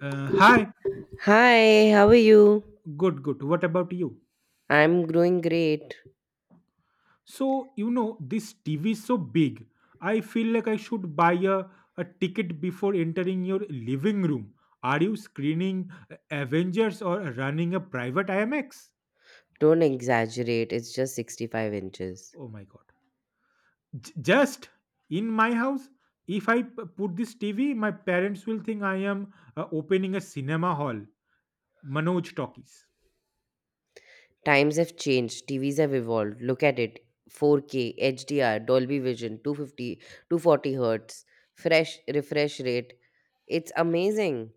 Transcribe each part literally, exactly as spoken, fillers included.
Uh, hi, Hi, how are you? good, good. What about you? I'm doing great. So, you know, this T V is so big. I feel like I should buy a, a ticket before entering your living room. Are you screening uh, Avengers or running a private I M X? Don't exaggerate, it's just sixty-five inches. Oh my god. J- just in my house, if I p- put this T V, my parents will think I am uh, opening a cinema hall. Manoj talkies. Times have changed, T Vs have evolved. Look at it four K, H D R, Dolby Vision, two fifty, two forty hertz, fresh refresh rate. It's amazing.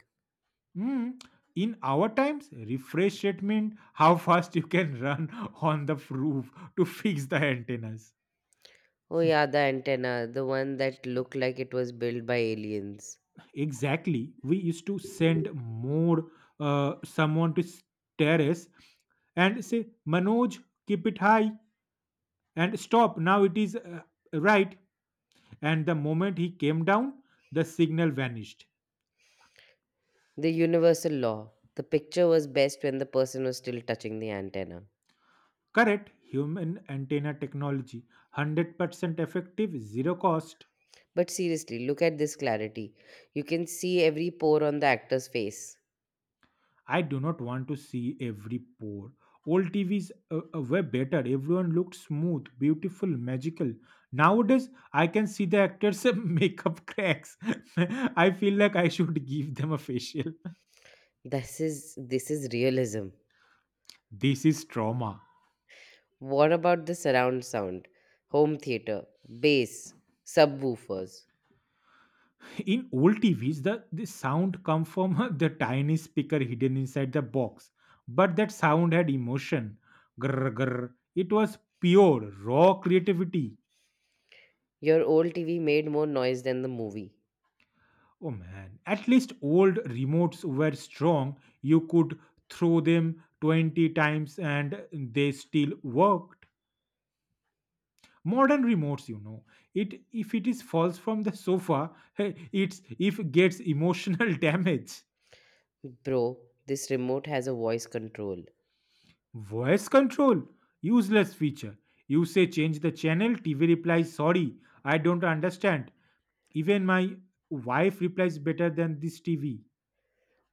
Mm. In our times, refresh rate meant how fast you can run on the roof to fix the antennas. Oh, yeah, the antenna, the one that looked like it was built by aliens. Exactly. We used to send more uh, someone to s- terrace and say, Manoj, keep it high and stop. Now it is uh, right. And the moment he came down, the signal vanished. The universal law: the picture was best when the person was still touching the antenna. Correct. Human antenna technology. one hundred percent effective, zero cost. But seriously, look at this clarity. You can see every pore on the actor's face. I do not want to see every pore. Old T Vs uh, uh, were better. Everyone looked smooth, beautiful, magical. Nowadays, I can see the actors' makeup cracks. I feel like I should give them a facial. This is this is realism. This is trauma. What about the surround sound? Home theater, bass, subwoofers. In old T Vs, the, the sound come from the tiny speaker hidden inside the box. But that sound had emotion. Grr, grr. It was pure, raw creativity. Your old T V made more noise than the movie. Oh man, at least old remotes were strong. You could throw them twenty times and they still worked. Modern remotes, you know, it if it is falls from the sofa, it's if gets emotional damage. Bro, this remote has a voice control. Voice control, useless feature. You say change the channel, T V replies sorry, I don't understand. Even my wife replies better than this T V.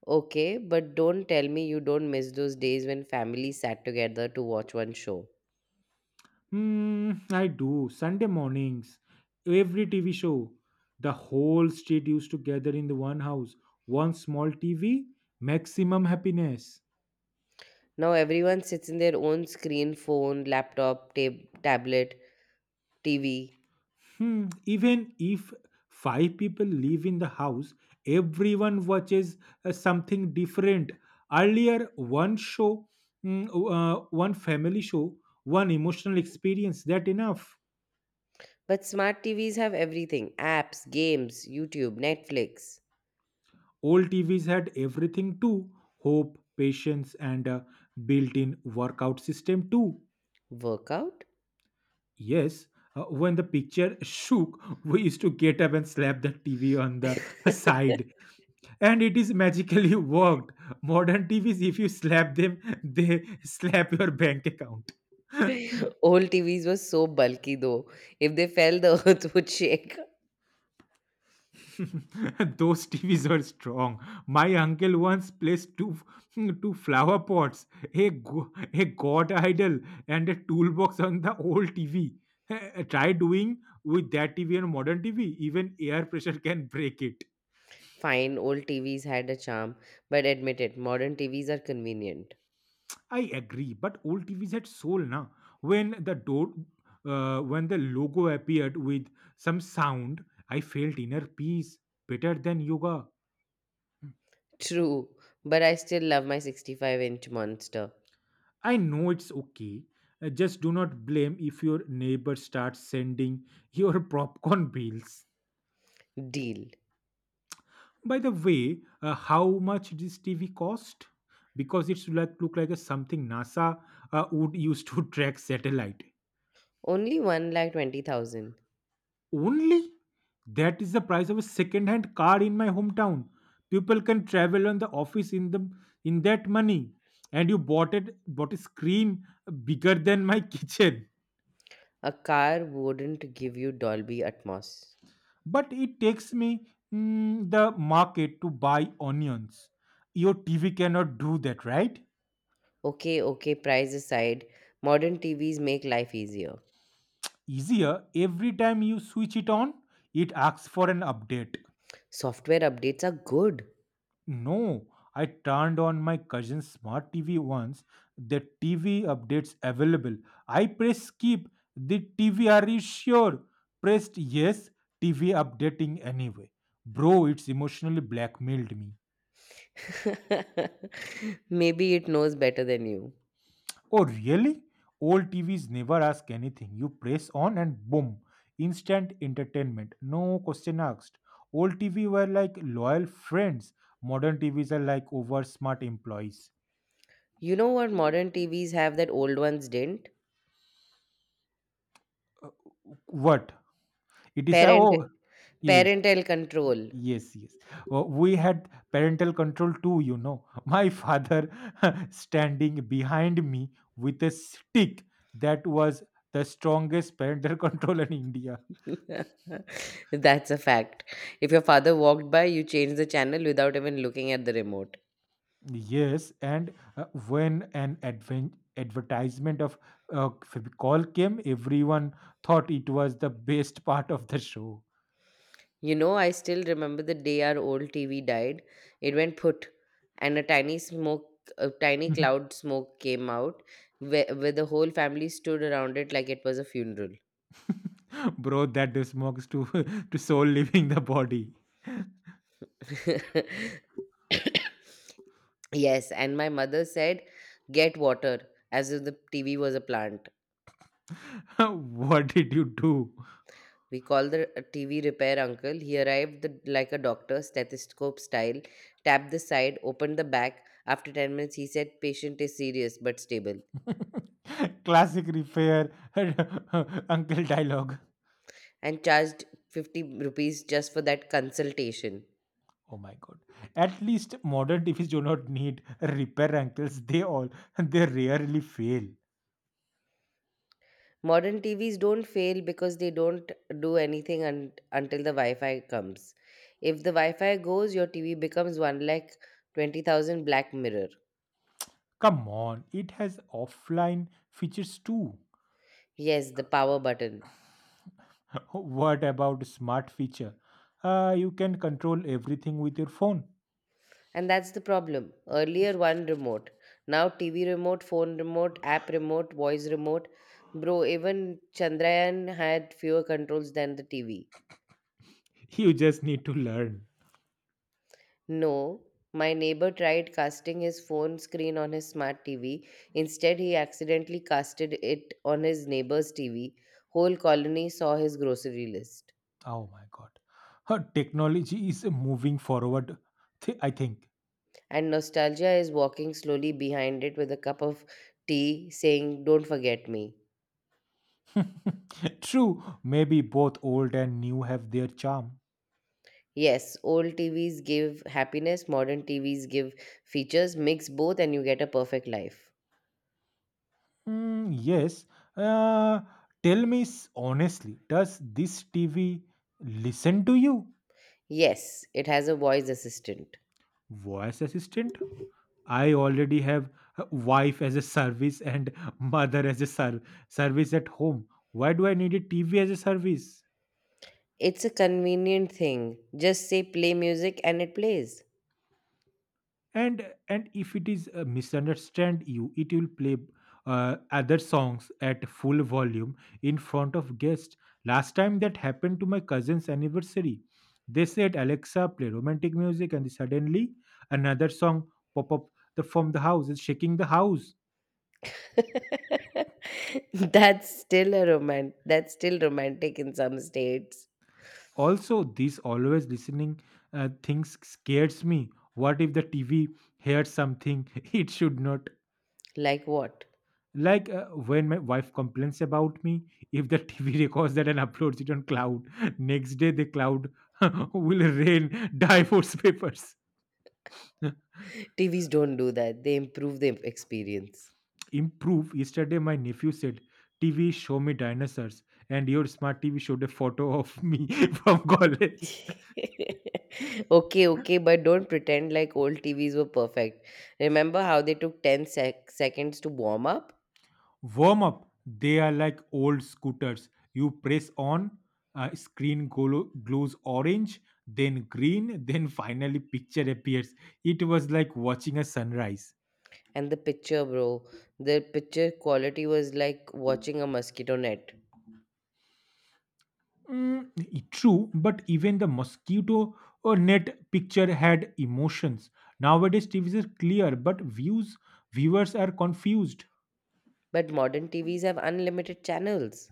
Okay, but don't tell me you don't miss those days when families sat together to watch one show. Hmm, I do. Sunday mornings, every T V show, the whole street used to gather in the one house. One small T V, maximum happiness. Now everyone sits in their own screen, phone, laptop, tab- tablet, T V. Hmm, even if five people live in the house, everyone watches uh, something different. Earlier, one show, mm, uh, one family show, one emotional experience, that enough. But smart T Vs have everything apps, games, YouTube, Netflix. Old T Vs had everything too: hope, patience, and a built in workout system too. Workout? Yes, uh, when the picture shook, we used to get up and slap the T V on the side. And it is magically worked. Modern T Vs, if you slap them, they slap your bank account. Old T Vs were so bulky though. If they fell, the earth would shake. Those T Vs are strong. My uncle once placed two two flower pots, a go- a god idol, and a toolbox on the old T V. Try doing with that T V and modern T V. Even air pressure can break it. Fine, old T Vs had a charm, but admit it, modern T Vs are convenient. I agree, but old T Vs had soul, na. When the door, uh, when the logo appeared with some sound, I felt inner peace, better than yoga. True, but I still love my sixty-five inch monster. I know it's okay. uh, Just do not blame if your neighbor starts sending your popcorn bills. Deal. By the way, uh, how much this T V cost? Because it's like look like a something NASA uh, would use to track satellite. Only one lakh twenty thousand. Only that is the price of a second-hand car in my hometown. People can travel on the office in the in that money, and you bought it bought a screen uh, bigger than my kitchen. A car wouldn't give you Dolby Atmos. But it takes me mm, the market to buy onions. Your T V cannot do that, right? Okay, okay, price aside, modern T Vs make life easier. Easier, every time you switch it on, it asks for an update. Software updates are good. No, I turned on my cousin's smart T V once. The T V, updates available. I press skip. The T V, are you sure? Pressed yes. T V updating anyway. Bro, it's emotionally blackmailed me. Maybe it knows better than you. Oh, really? Old T Vs never ask anything. You press on and boom, instant entertainment. No question asked. Old T V were like loyal friends. Modern T Vs are like over smart employees. You know what modern T Vs have that old ones didn't? What? It is a, Parent oh, yes, parental control. yes, yes. Oh, we had parental control too. You know, my father standing behind me with a stick, that was the strongest parental control in India. That's a fact. If your father walked by, you changed the channel without even looking at the remote. Yes, and uh, when an advent advertisement of uh, Fevicol came, everyone thought it was the best part of the show. You know, I still remember the day our old T V died. It went put, and a tiny smoke, a tiny cloud smoke came out, where, where the whole family stood around it like it was a funeral. Bro, that the smokes to to soul leaving the body. Yes, and my mother said, "Get water," as if the T V was a plant. What did you do? We called the uh, T V repair uncle. He arrived the, like a doctor, stethoscope style, tapped the side, opened the back. After ten minutes, he said, Patient is serious but stable, Classic repair uncle dialogue. and charged fifty rupees just for that consultation. Oh my god. At least modern T Vs do not need repair uncles. They all they rarely fail. Modern T Vs don't fail because they don't do anything un- until the Wi-Fi comes. If the Wi-Fi goes, your T V becomes one like twenty thousand black mirror. Come on, it has offline features too. Yes, the power button. What about smart feature? Uh, you can control everything with your phone. And that's the problem. Earlier one remote, now T V remote, phone remote, app remote, voice remote. Bro, even Chandrayaan had fewer controls than the T V. You just need to learn. No, my neighbor tried casting his phone screen on his smart T V. Instead, he accidentally casted it on his neighbor's T V. Whole colony saw his grocery list. Oh my god. Huh, technology is moving forward, th- I think. And nostalgia is walking slowly behind it with a cup of tea, saying, Don't forget me. True, maybe both old and new have their charm. Yes, old T Vs give happiness, modern T Vs give features. Mix both, and you get a perfect life. Mm, yes. Uh, Tell me s- honestly, does this T V listen to you? Yes, it has a voice assistant. Voice assistant? I already have a wife as a service and mother as a ser- service at home. Why do I need a T V as a service? It's a convenient thing. Just say play music, and it plays. And and if it is uh, misunderstand you, it will play uh, other songs at full volume in front of guests. Last time that happened to my cousin's anniversary. They said, Alexa play romantic music, and suddenly another song pop up the, from the house. It's shaking the house. that's still a romant that's still romantic in some states. Also, this always listening uh, things scares me. What if the TV hears something it should not? Like what? Like uh, when my wife complains about me, if the T V records that and uploads it on cloud, next day the cloud will rain divorce papers. T Vs don't do that. They improve the experience. Improve. Yesterday my nephew said, T V show me dinosaurs, and your smart T V showed a photo of me from college. Okay, okay, but don't pretend like old T Vs were perfect. Remember how they took ten sec- seconds to warm up? Warm up, they are like old scooters. You press on, uh, screen glo- glows orange, then green, then finally picture appears. It was like watching a sunrise. And the picture, bro, the picture quality was like watching a mosquito net. Mm, i- true, but even the mosquito or net picture had emotions. Nowadays, T Vs are clear, but views viewers are confused. But modern T Vs have unlimited channels.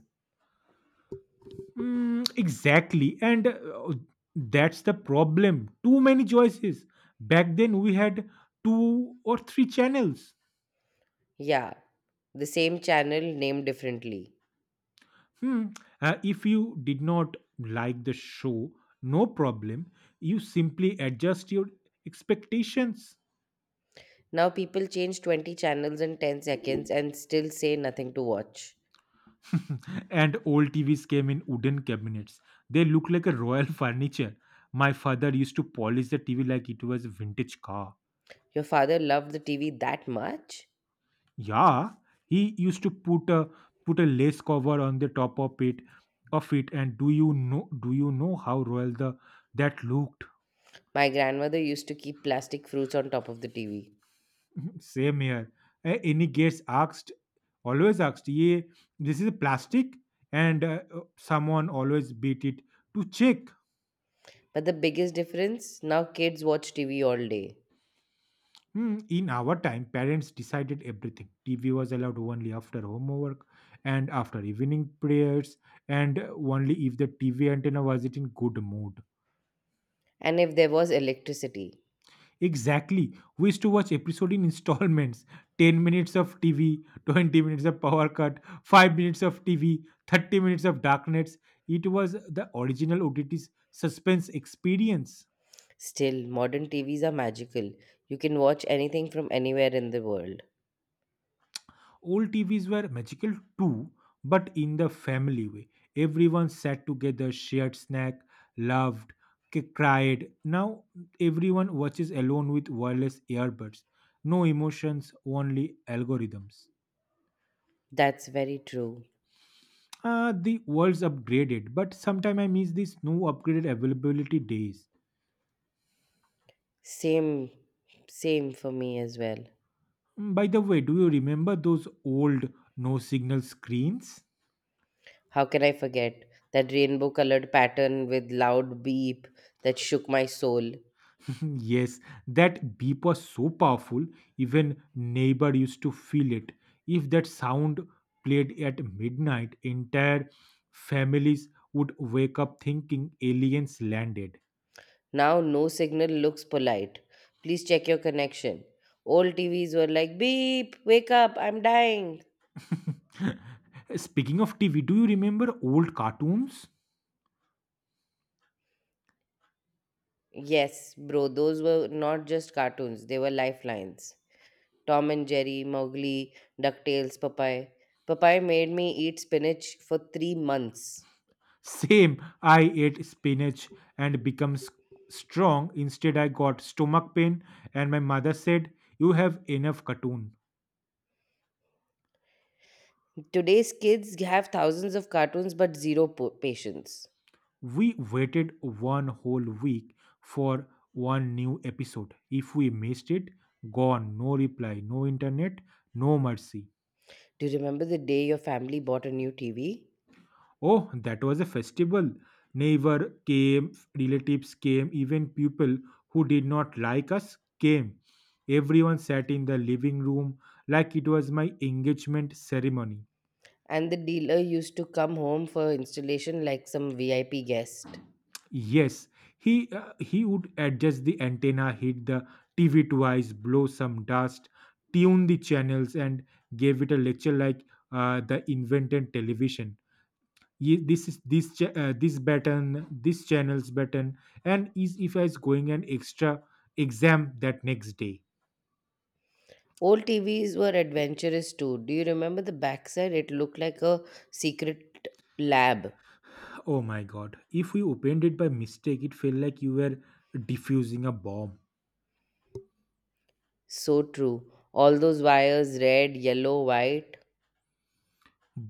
Mm, exactly. And uh, that's the problem. Too many choices. Back then, we had two or three channels. Yeah, the same channel named differently. Hmm. Uh, if you did not like the show, no problem. You simply adjust your expectations. Now people change twenty channels in ten seconds and still say nothing to watch. And old T Vs came in wooden cabinets. They look like a royal furniture. My father used to polish the T V like it was a vintage car. Your father loved the T V that much? Yeah, he used to put a put a lace cover on the top of it of it and do you know do you know how royal the that looked? My grandmother used to keep plastic fruits on top of the T V. Same here. A- Any guest asked always asked, yeah, this is plastic, and uh, uh, someone always beat it to check. But the biggest difference now kids watch T V all day. Hmm, in our time, parents decided everything. T V was allowed only after homework and after evening prayers, and uh, only if the T V antenna was it in good mood. And if there was electricity, Exactly. We used to watch episode in installments ten minutes of T V, twenty minutes of power cut, five minutes of T V, thirty minutes of darkness. It was the original O T T's suspense experience. still modern T Vs are magical. You can watch anything from anywhere in the world. Old T Vs were magical too, but in the family way. Everyone sat together, shared snack, laughed, c- cried. Now everyone watches alone with wireless earbuds. No emotions, only algorithms. That's very true. Uh, the world's upgraded, but sometimes I miss these no upgraded availability days. Same same for me as well. Mm, by the way, do you remember those old no signal screens? How can I forget that rainbow colored pattern with loud beep that shook my soul? Yes, that beep was so powerful, even neighbor used to feel it. If that sound played at midnight, entire families would wake up thinking aliens landed. Now no signal looks polite. Please check your connection. Old T Vs were like beep, wake up, I'm dying. Speaking of T V, do you remember old cartoons? Yes, bro, those were not just cartoons, they were lifelines. Tom and Jerry, Mowgli, DuckTales, Popeye. Popeye made me eat spinach for three months. Same, I ate spinach and become s- strong. Instead, I got stomach pain, and my mother said, you have enough cartoon. Today's kids have thousands of cartoons but zero po- patience. We waited one whole week for one new episode. If we missed it, gone. No reply, no internet, no mercy. Do you remember the day your family bought a new T V? Oh, that was a festival. Neighbor came, relatives came, even people who did not like us came. Everyone sat in the living room like it was my engagement ceremony. And the dealer used to come home for installation like some V I P guest. Yes, he uh, he would adjust the antenna, hit the T V twice, blow some dust, tune the channels, and gave it a lecture like uh, the invented television. Ye- this is this cha- uh, this button this channel's button and is if I is going an extra exam that next day. Old T Vs were adventurous too. Do you remember the backside? It looked like a secret lab. Oh my god, if we opened it by mistake, it felt like you were diffusing a bomb. So true. All those wires red, yellow, white.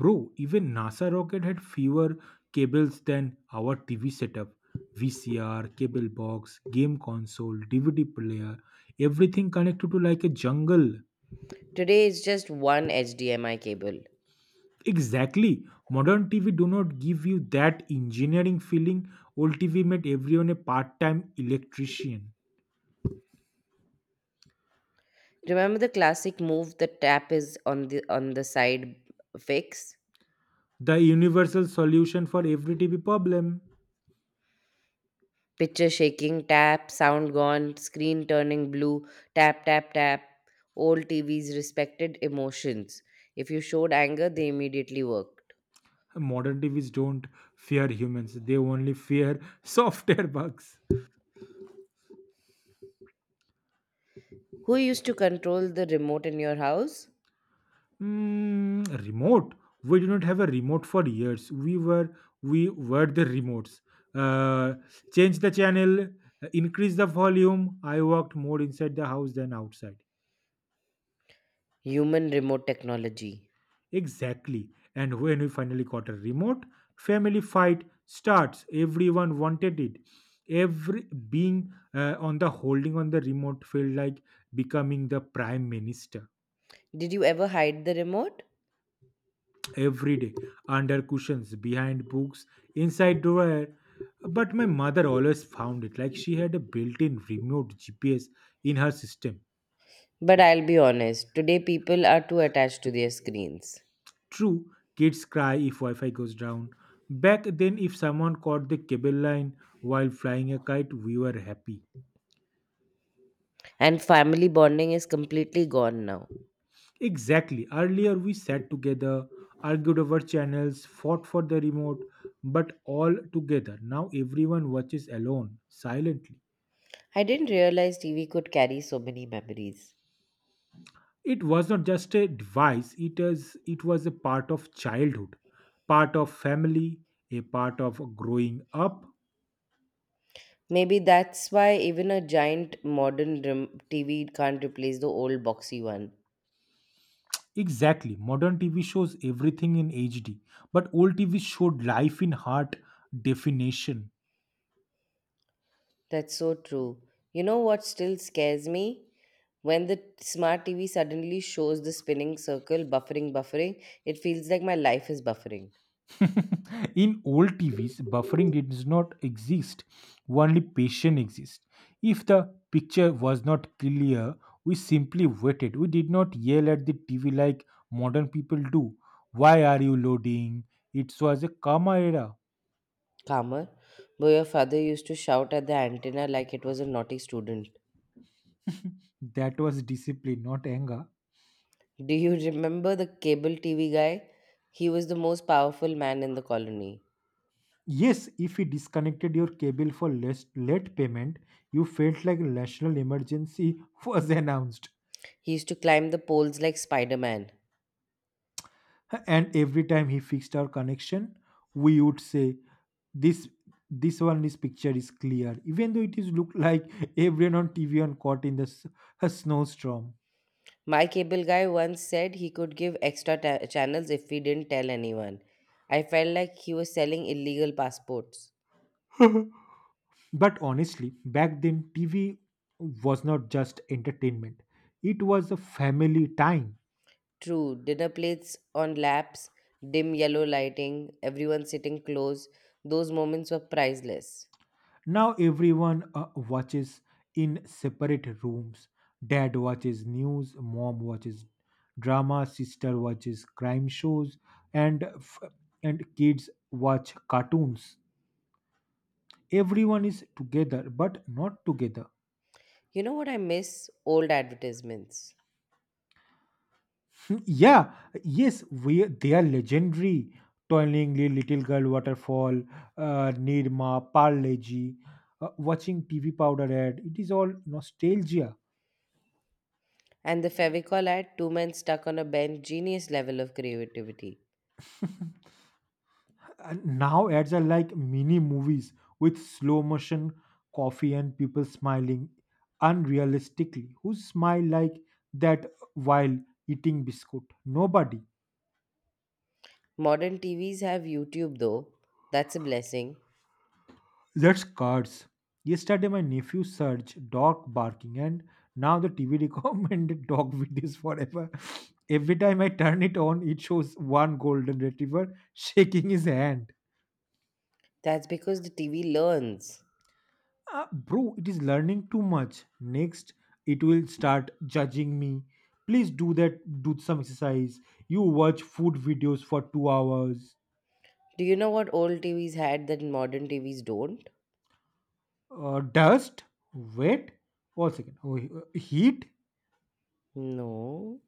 Bro, even NASA rocket had fewer cables than our T V setup. V C R, cable box, game console, D V D player, everything connected to like a jungle. Today it's just one H D M I cable. Exactly. Modern T V do not give you that engineering feeling. Old T V made everyone a part-time electrician. Remember the classic move the tap is on the on the side fix? The universal solution for every T V problem. Picture shaking, tap, sound gone, screen turning blue, tap, tap, tap. Old T Vs respected emotions. If you showed anger, they immediately worked. Modern T Vs don't fear humans. They only fear software bugs. Who used to control the remote in your house? Mm, remote. We did not have a remote for years. We were we were the remotes. Uh, Change the channel, increase the volume. I walked more inside the house than outside. Human remote technology. Exactly. And when we finally got a remote, family fight starts. Everyone wanted it. Every being uh, on the holding on the remote felt like becoming the prime minister. Did you ever hide the remote? Every day, under cushions, behind books, inside drawer. But my mother always found it like she had a built-in remote G P S in her system. But I'll be honest, today people are too attached to their screens. True, kids cry if Wi Fi goes down. Back then, if someone caught the cable line while flying a kite, we were happy. And family bonding is completely gone now. Exactly. Earlier, we sat together, argued over channels, fought for the remote, but all together. Now, everyone watches alone, silently. I didn't realize T V could carry so many memories. It was not just a device, it, is, it was a part of childhood, part of family, a part of growing up. Maybe that's why even a giant modern rem- T V can't replace the old boxy one. Exactly. Modern T V shows everything in H D, but old T V showed life in hard definition. That's so true. You know what still scares me? When the smart T V suddenly shows the spinning circle, buffering, buffering, it feels like my life is buffering. In old T Vs, buffering did not exist, only patient exists. If the picture was not clear, we simply waited. We did not yell at the T V like modern people do. Why are you loading? It was a calmer era. Calmer, but your father used to shout at the antenna like it was a naughty student. That was discipline, not anger. Do you remember the cable T V guy? He was the most powerful man in the colony. Yes, if you disconnected your cable for less late payment, you felt like a national emergency was announced. He used to climb the poles like Spider Man. And every time he fixed our connection, we would say, "This, this one, this picture is clear." Even though it is looked like everyone on T V on caught in the s- a snowstorm. My cable guy once said he could give extra ta- channels if we didn't tell anyone. I felt like he was selling illegal passports. But honestly, back then T V was not just entertainment; it was a family time. True, dinner plates on laps, dim yellow lighting, everyone sitting close, those moments were priceless. Now everyone uh, watches in separate rooms. Dad watches news, mom watches drama, sister watches crime shows, and f- and kids watch cartoons. Everyone is together, but not together. You know what I miss? Old advertisements. yeah, yes, we they are legendary. Toilingly, Little Girl Waterfall, uh, Nirma, Parleji, uh, watching T V Powder ad. It is all nostalgia. And the Fevicol ad, two men stuck on a bench, genius level of creativity. And now ads are like mini movies with slow motion coffee and people smiling unrealistically. Who smile like that while eating biscuit? Nobody. Modern T Vs have YouTube though. That's a blessing. That's cards. Yesterday, my nephew searched dog barking, and now the T V recommended dog videos forever. Every time I turn it on, it shows one golden retriever shaking his hand. That's because the T V learns. Uh, bro, it is learning too much. Next, it will start judging me. Please do that. Do some exercise. You watch food videos for two hours. Do you know what old T Vs had that modern T Vs don't? Uh, dust, wet, one second. Oh, he- uh, heat. No.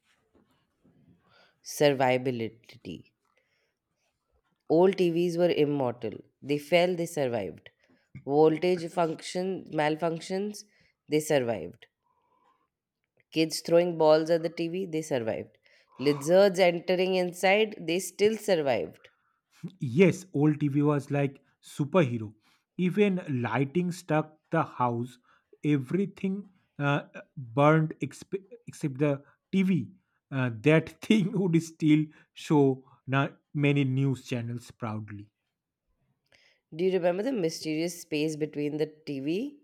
Survivability. Old T Vs were immortal. They fell, they survived. Voltage function malfunctions, they survived. Kids throwing balls at the T V, they survived. Lizards entering inside, they still survived. Yes, old T V was like superhero. Even lighting stuck the house. Everything uh, burned exp- except the T V. Uh, that thing would still show not many news channels proudly. Do you remember the mysterious space between the T V?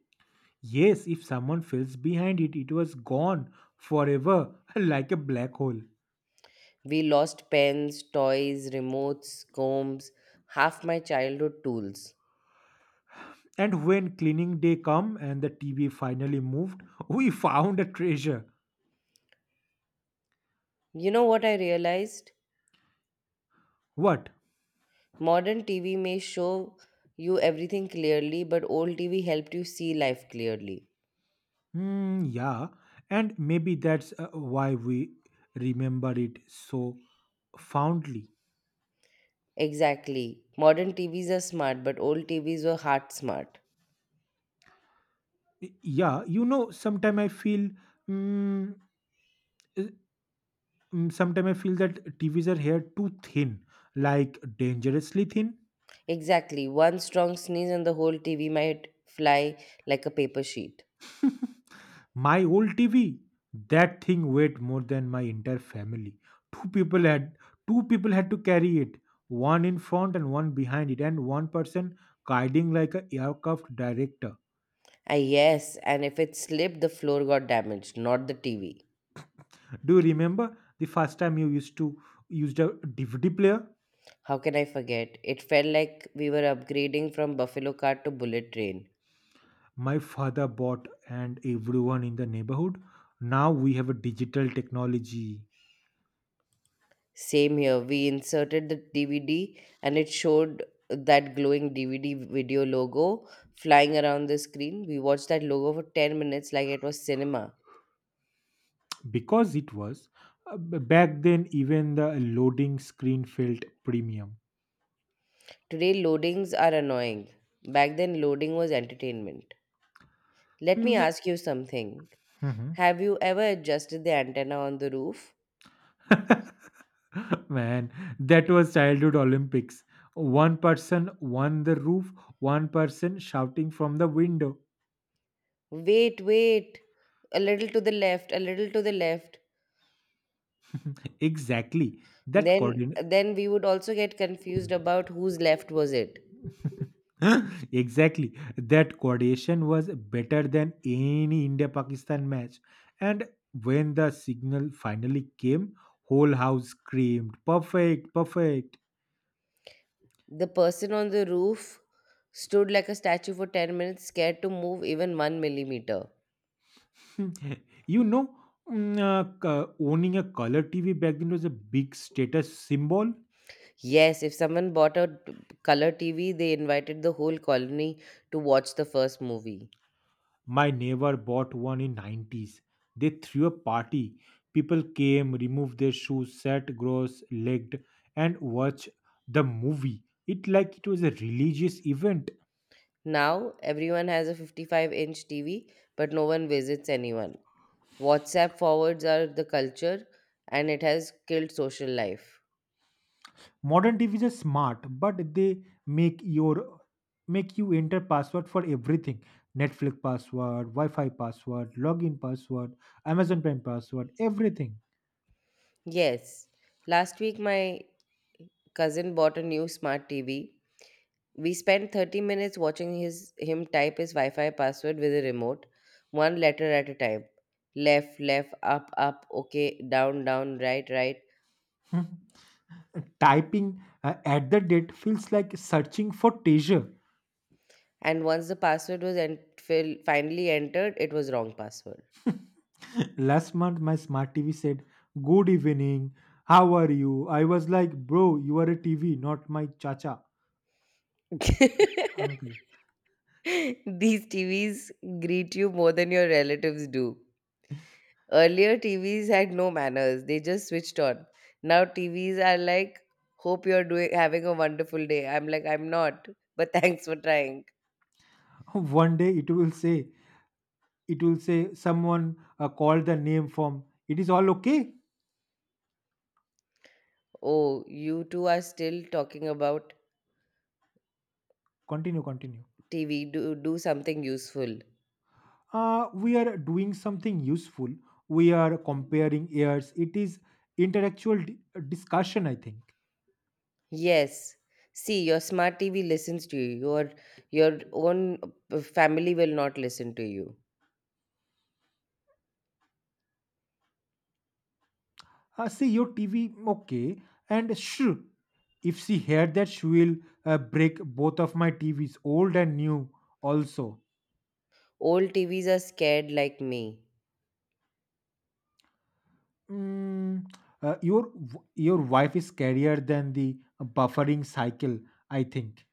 Yes, if someone fills behind it, it was gone forever like a black hole. We lost pens, toys, remotes, combs, half my childhood tools. And when cleaning day come and the T V finally moved, we found a treasure. You know what I realized? What? Modern T V may show you everything clearly, but old T V helped you see life clearly. Hmm, yeah. And maybe that's uh, why we remember it so fondly. Exactly. Modern T Vs are smart, but old T Vs were heart smart. Y- Yeah, you know, sometimes I feel, mm, sometimes I feel that T Vs are here too thin, like dangerously thin. Exactly. One strong sneeze and the whole T V might fly like a paper sheet. My old T V, that thing weighed more than my entire family. Two people had Two people had to carry it, one in front and one behind it, and one person guiding like a aircraft director. Ah, yes, and if it slipped, the floor got damaged, not the T V. Do you remember the first time you used to used a D V D player? How can I forget? It felt like we were upgrading from buffalo cart to bullet train. My father bought and everyone in the neighborhood. Now we have a digital technology Same here. We inserted the D V D and it showed that glowing D V D video logo flying around the screen. We watched that logo for ten minutes like it was cinema. because it was uh, b- back then even the loading screen felt premium. Today, loadings are annoying. Back then, loading was entertainment. Let Mm, me the- ask you something. Mhm. Have you ever adjusted the antenna on the roof? Man, that was childhood Olympics. One person won the roof, one person shouting from the window. Wait, wait. A little to the left, a little to the left. Exactly. That Then coordinate. then we would also get confused about whose left was it. Exactly. That coordination was better than any India Pakistan match. And when the signal finally came, whole house screamed, "Perfect, perfect!" The person on the roof stood like a statue for ten minutes, scared to move even one millimeter. You know, mm, uh, c- owning a color T V back then was a big status symbol. Yes, if someone bought a t- color T V, they invited the whole colony to watch the first movie. My neighbor bought one in nineties. They threw a party. People came, removed their shoes, sat gross legged and watched the movie. It like it was a religious event. Now, everyone has a fifty-five inch T V, but no one visits anyone. WhatsApp forwards are the culture, and it has killed social life. Modern T Vs are smart, but they make your make you enter password for everything. Netflix password, Wi-Fi password, login password, Amazon Prime password, everything. Yes, last week my cousin bought a new smart T V. We spent thirty minutes watching his him type his Wi-Fi password with a remote, one letter at a time. Left, left, up, up, okay, down, down, right, right. Typing uh, at the date feels like searching for treasure. And once the password was en- fil- finally entered, it was wrong password. Last month, my smart T V said, "Good evening, how are you?" I was like, "Bro, you are a T V, not my chacha, These uncle." T Vs greet you more than your relatives do. Earlier, T Vs had no manners; they just switched on. Now T Vs are like, "Hope you're doing having a wonderful day." I'm like, "I'm not, but thanks for trying." One day it will say, it will say, someone uh, called the name from, it is all okay. Oh, you two are still talking about Continue, continue. T V. Do, do something useful. Uh, we are doing something useful. We are comparing ears. It is intellectual di- discussion, I think. Yes. See, your smart T V listens to you. Your your own uh, family will not listen to you. Uh, see your T V, okay, and shh. If she heard that, she will uh, break both of my T Vs, old and new, also. Old T Vs are scared like me. Mm, uh, your w- your wife is scarier than the buffering cycle, I think.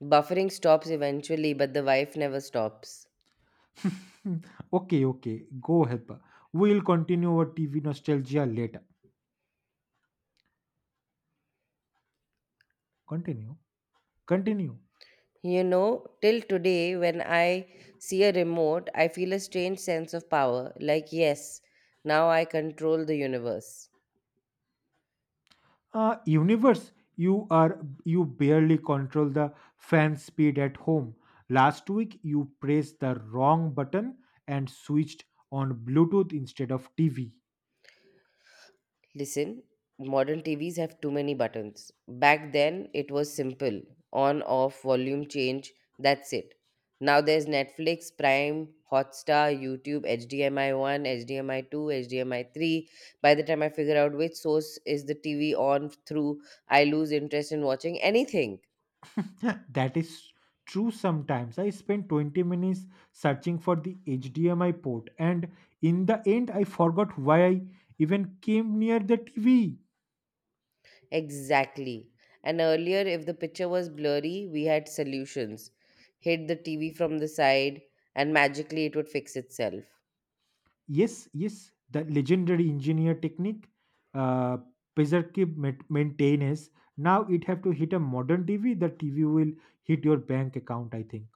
Buffering stops eventually, but the wife never stops. Okay, okay, go help her. We'll continue our T V nostalgia later. Continue, continue. You know, till today, when I see a remote, I feel a strange sense of power. Like, yes, now I control the universe. Uh, universe, you are you barely control the fan speed at home. Last week you pressed the wrong button and switched on bluetooth instead of tv. Listen, modern T Vs have too many buttons. Back then, it was simple on, off, volume change, that's it. Now there's Netflix, Prime, Hotstar, YouTube, H D M I one, H D M I two, H D M I three. By the time I figure out which source is the T V on through, I lose interest in watching anything. That is true. Sometimes I spent twenty minutes searching for the hdmi port, and in the end I forgot why I even came near the tv. Exactly. And earlier, if the picture was blurry, we had solutions. Hit the T V from the side, and magically it would fix itself. Yes, yes, the legendary engineer technique, uh, preservative mat- maintenance. Now it have to hit a modern T V. The T V will hit your bank account, I think.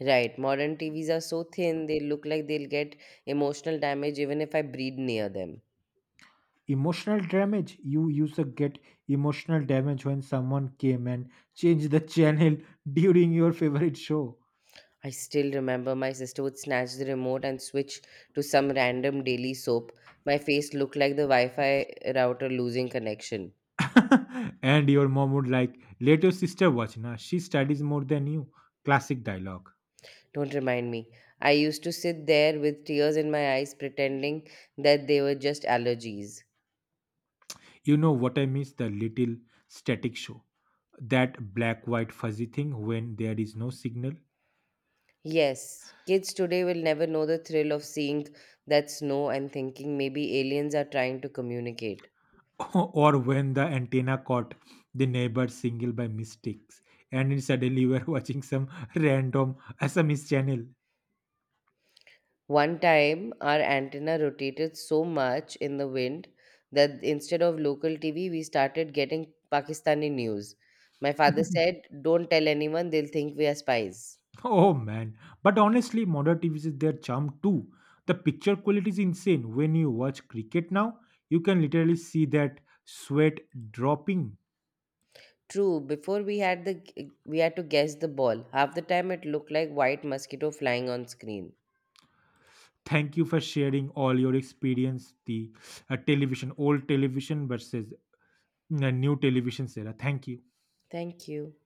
Right. Modern T Vs are so thin, they look like they'll get emotional damage even if I breathe near them. Emotional damage. You used to get emotional damage when someone came and changed the channel during your favorite show. I still remember my sister would snatch the remote and switch to some random daily soap. My face looked like the Wi Fi router losing connection. And your mom would like, "Let your sister watch. Now she studies more than you." Classic dialogue. Don't remind me. I used to sit there with tears in my eyes, pretending that they were just allergies. You know what I mean? The little static show. That black white fuzzy thing when there is no signal. Yes, kids today will never know the thrill of seeing that snow and thinking maybe aliens are trying to communicate. Or when the antenna caught the neighbor's signal by mistakes and then suddenly you are watching some random S M S channel. One time, our antenna rotated so much in the wind that instead of local T V, we started getting Pakistani news. My father said, Don't tell anyone, they'll think we are spies. Oh man. But honestly, modern T Vs is their charm too. The picture quality is insane. When you watch cricket now, you can literally see that sweat dropping. True, before we had the we had to guess the ball. Half the time it looked like white mosquito flying on screen. Thank you for sharing all your experience, the uh, television, old television versus uh, new television, Sarah. Thank you. Thank you.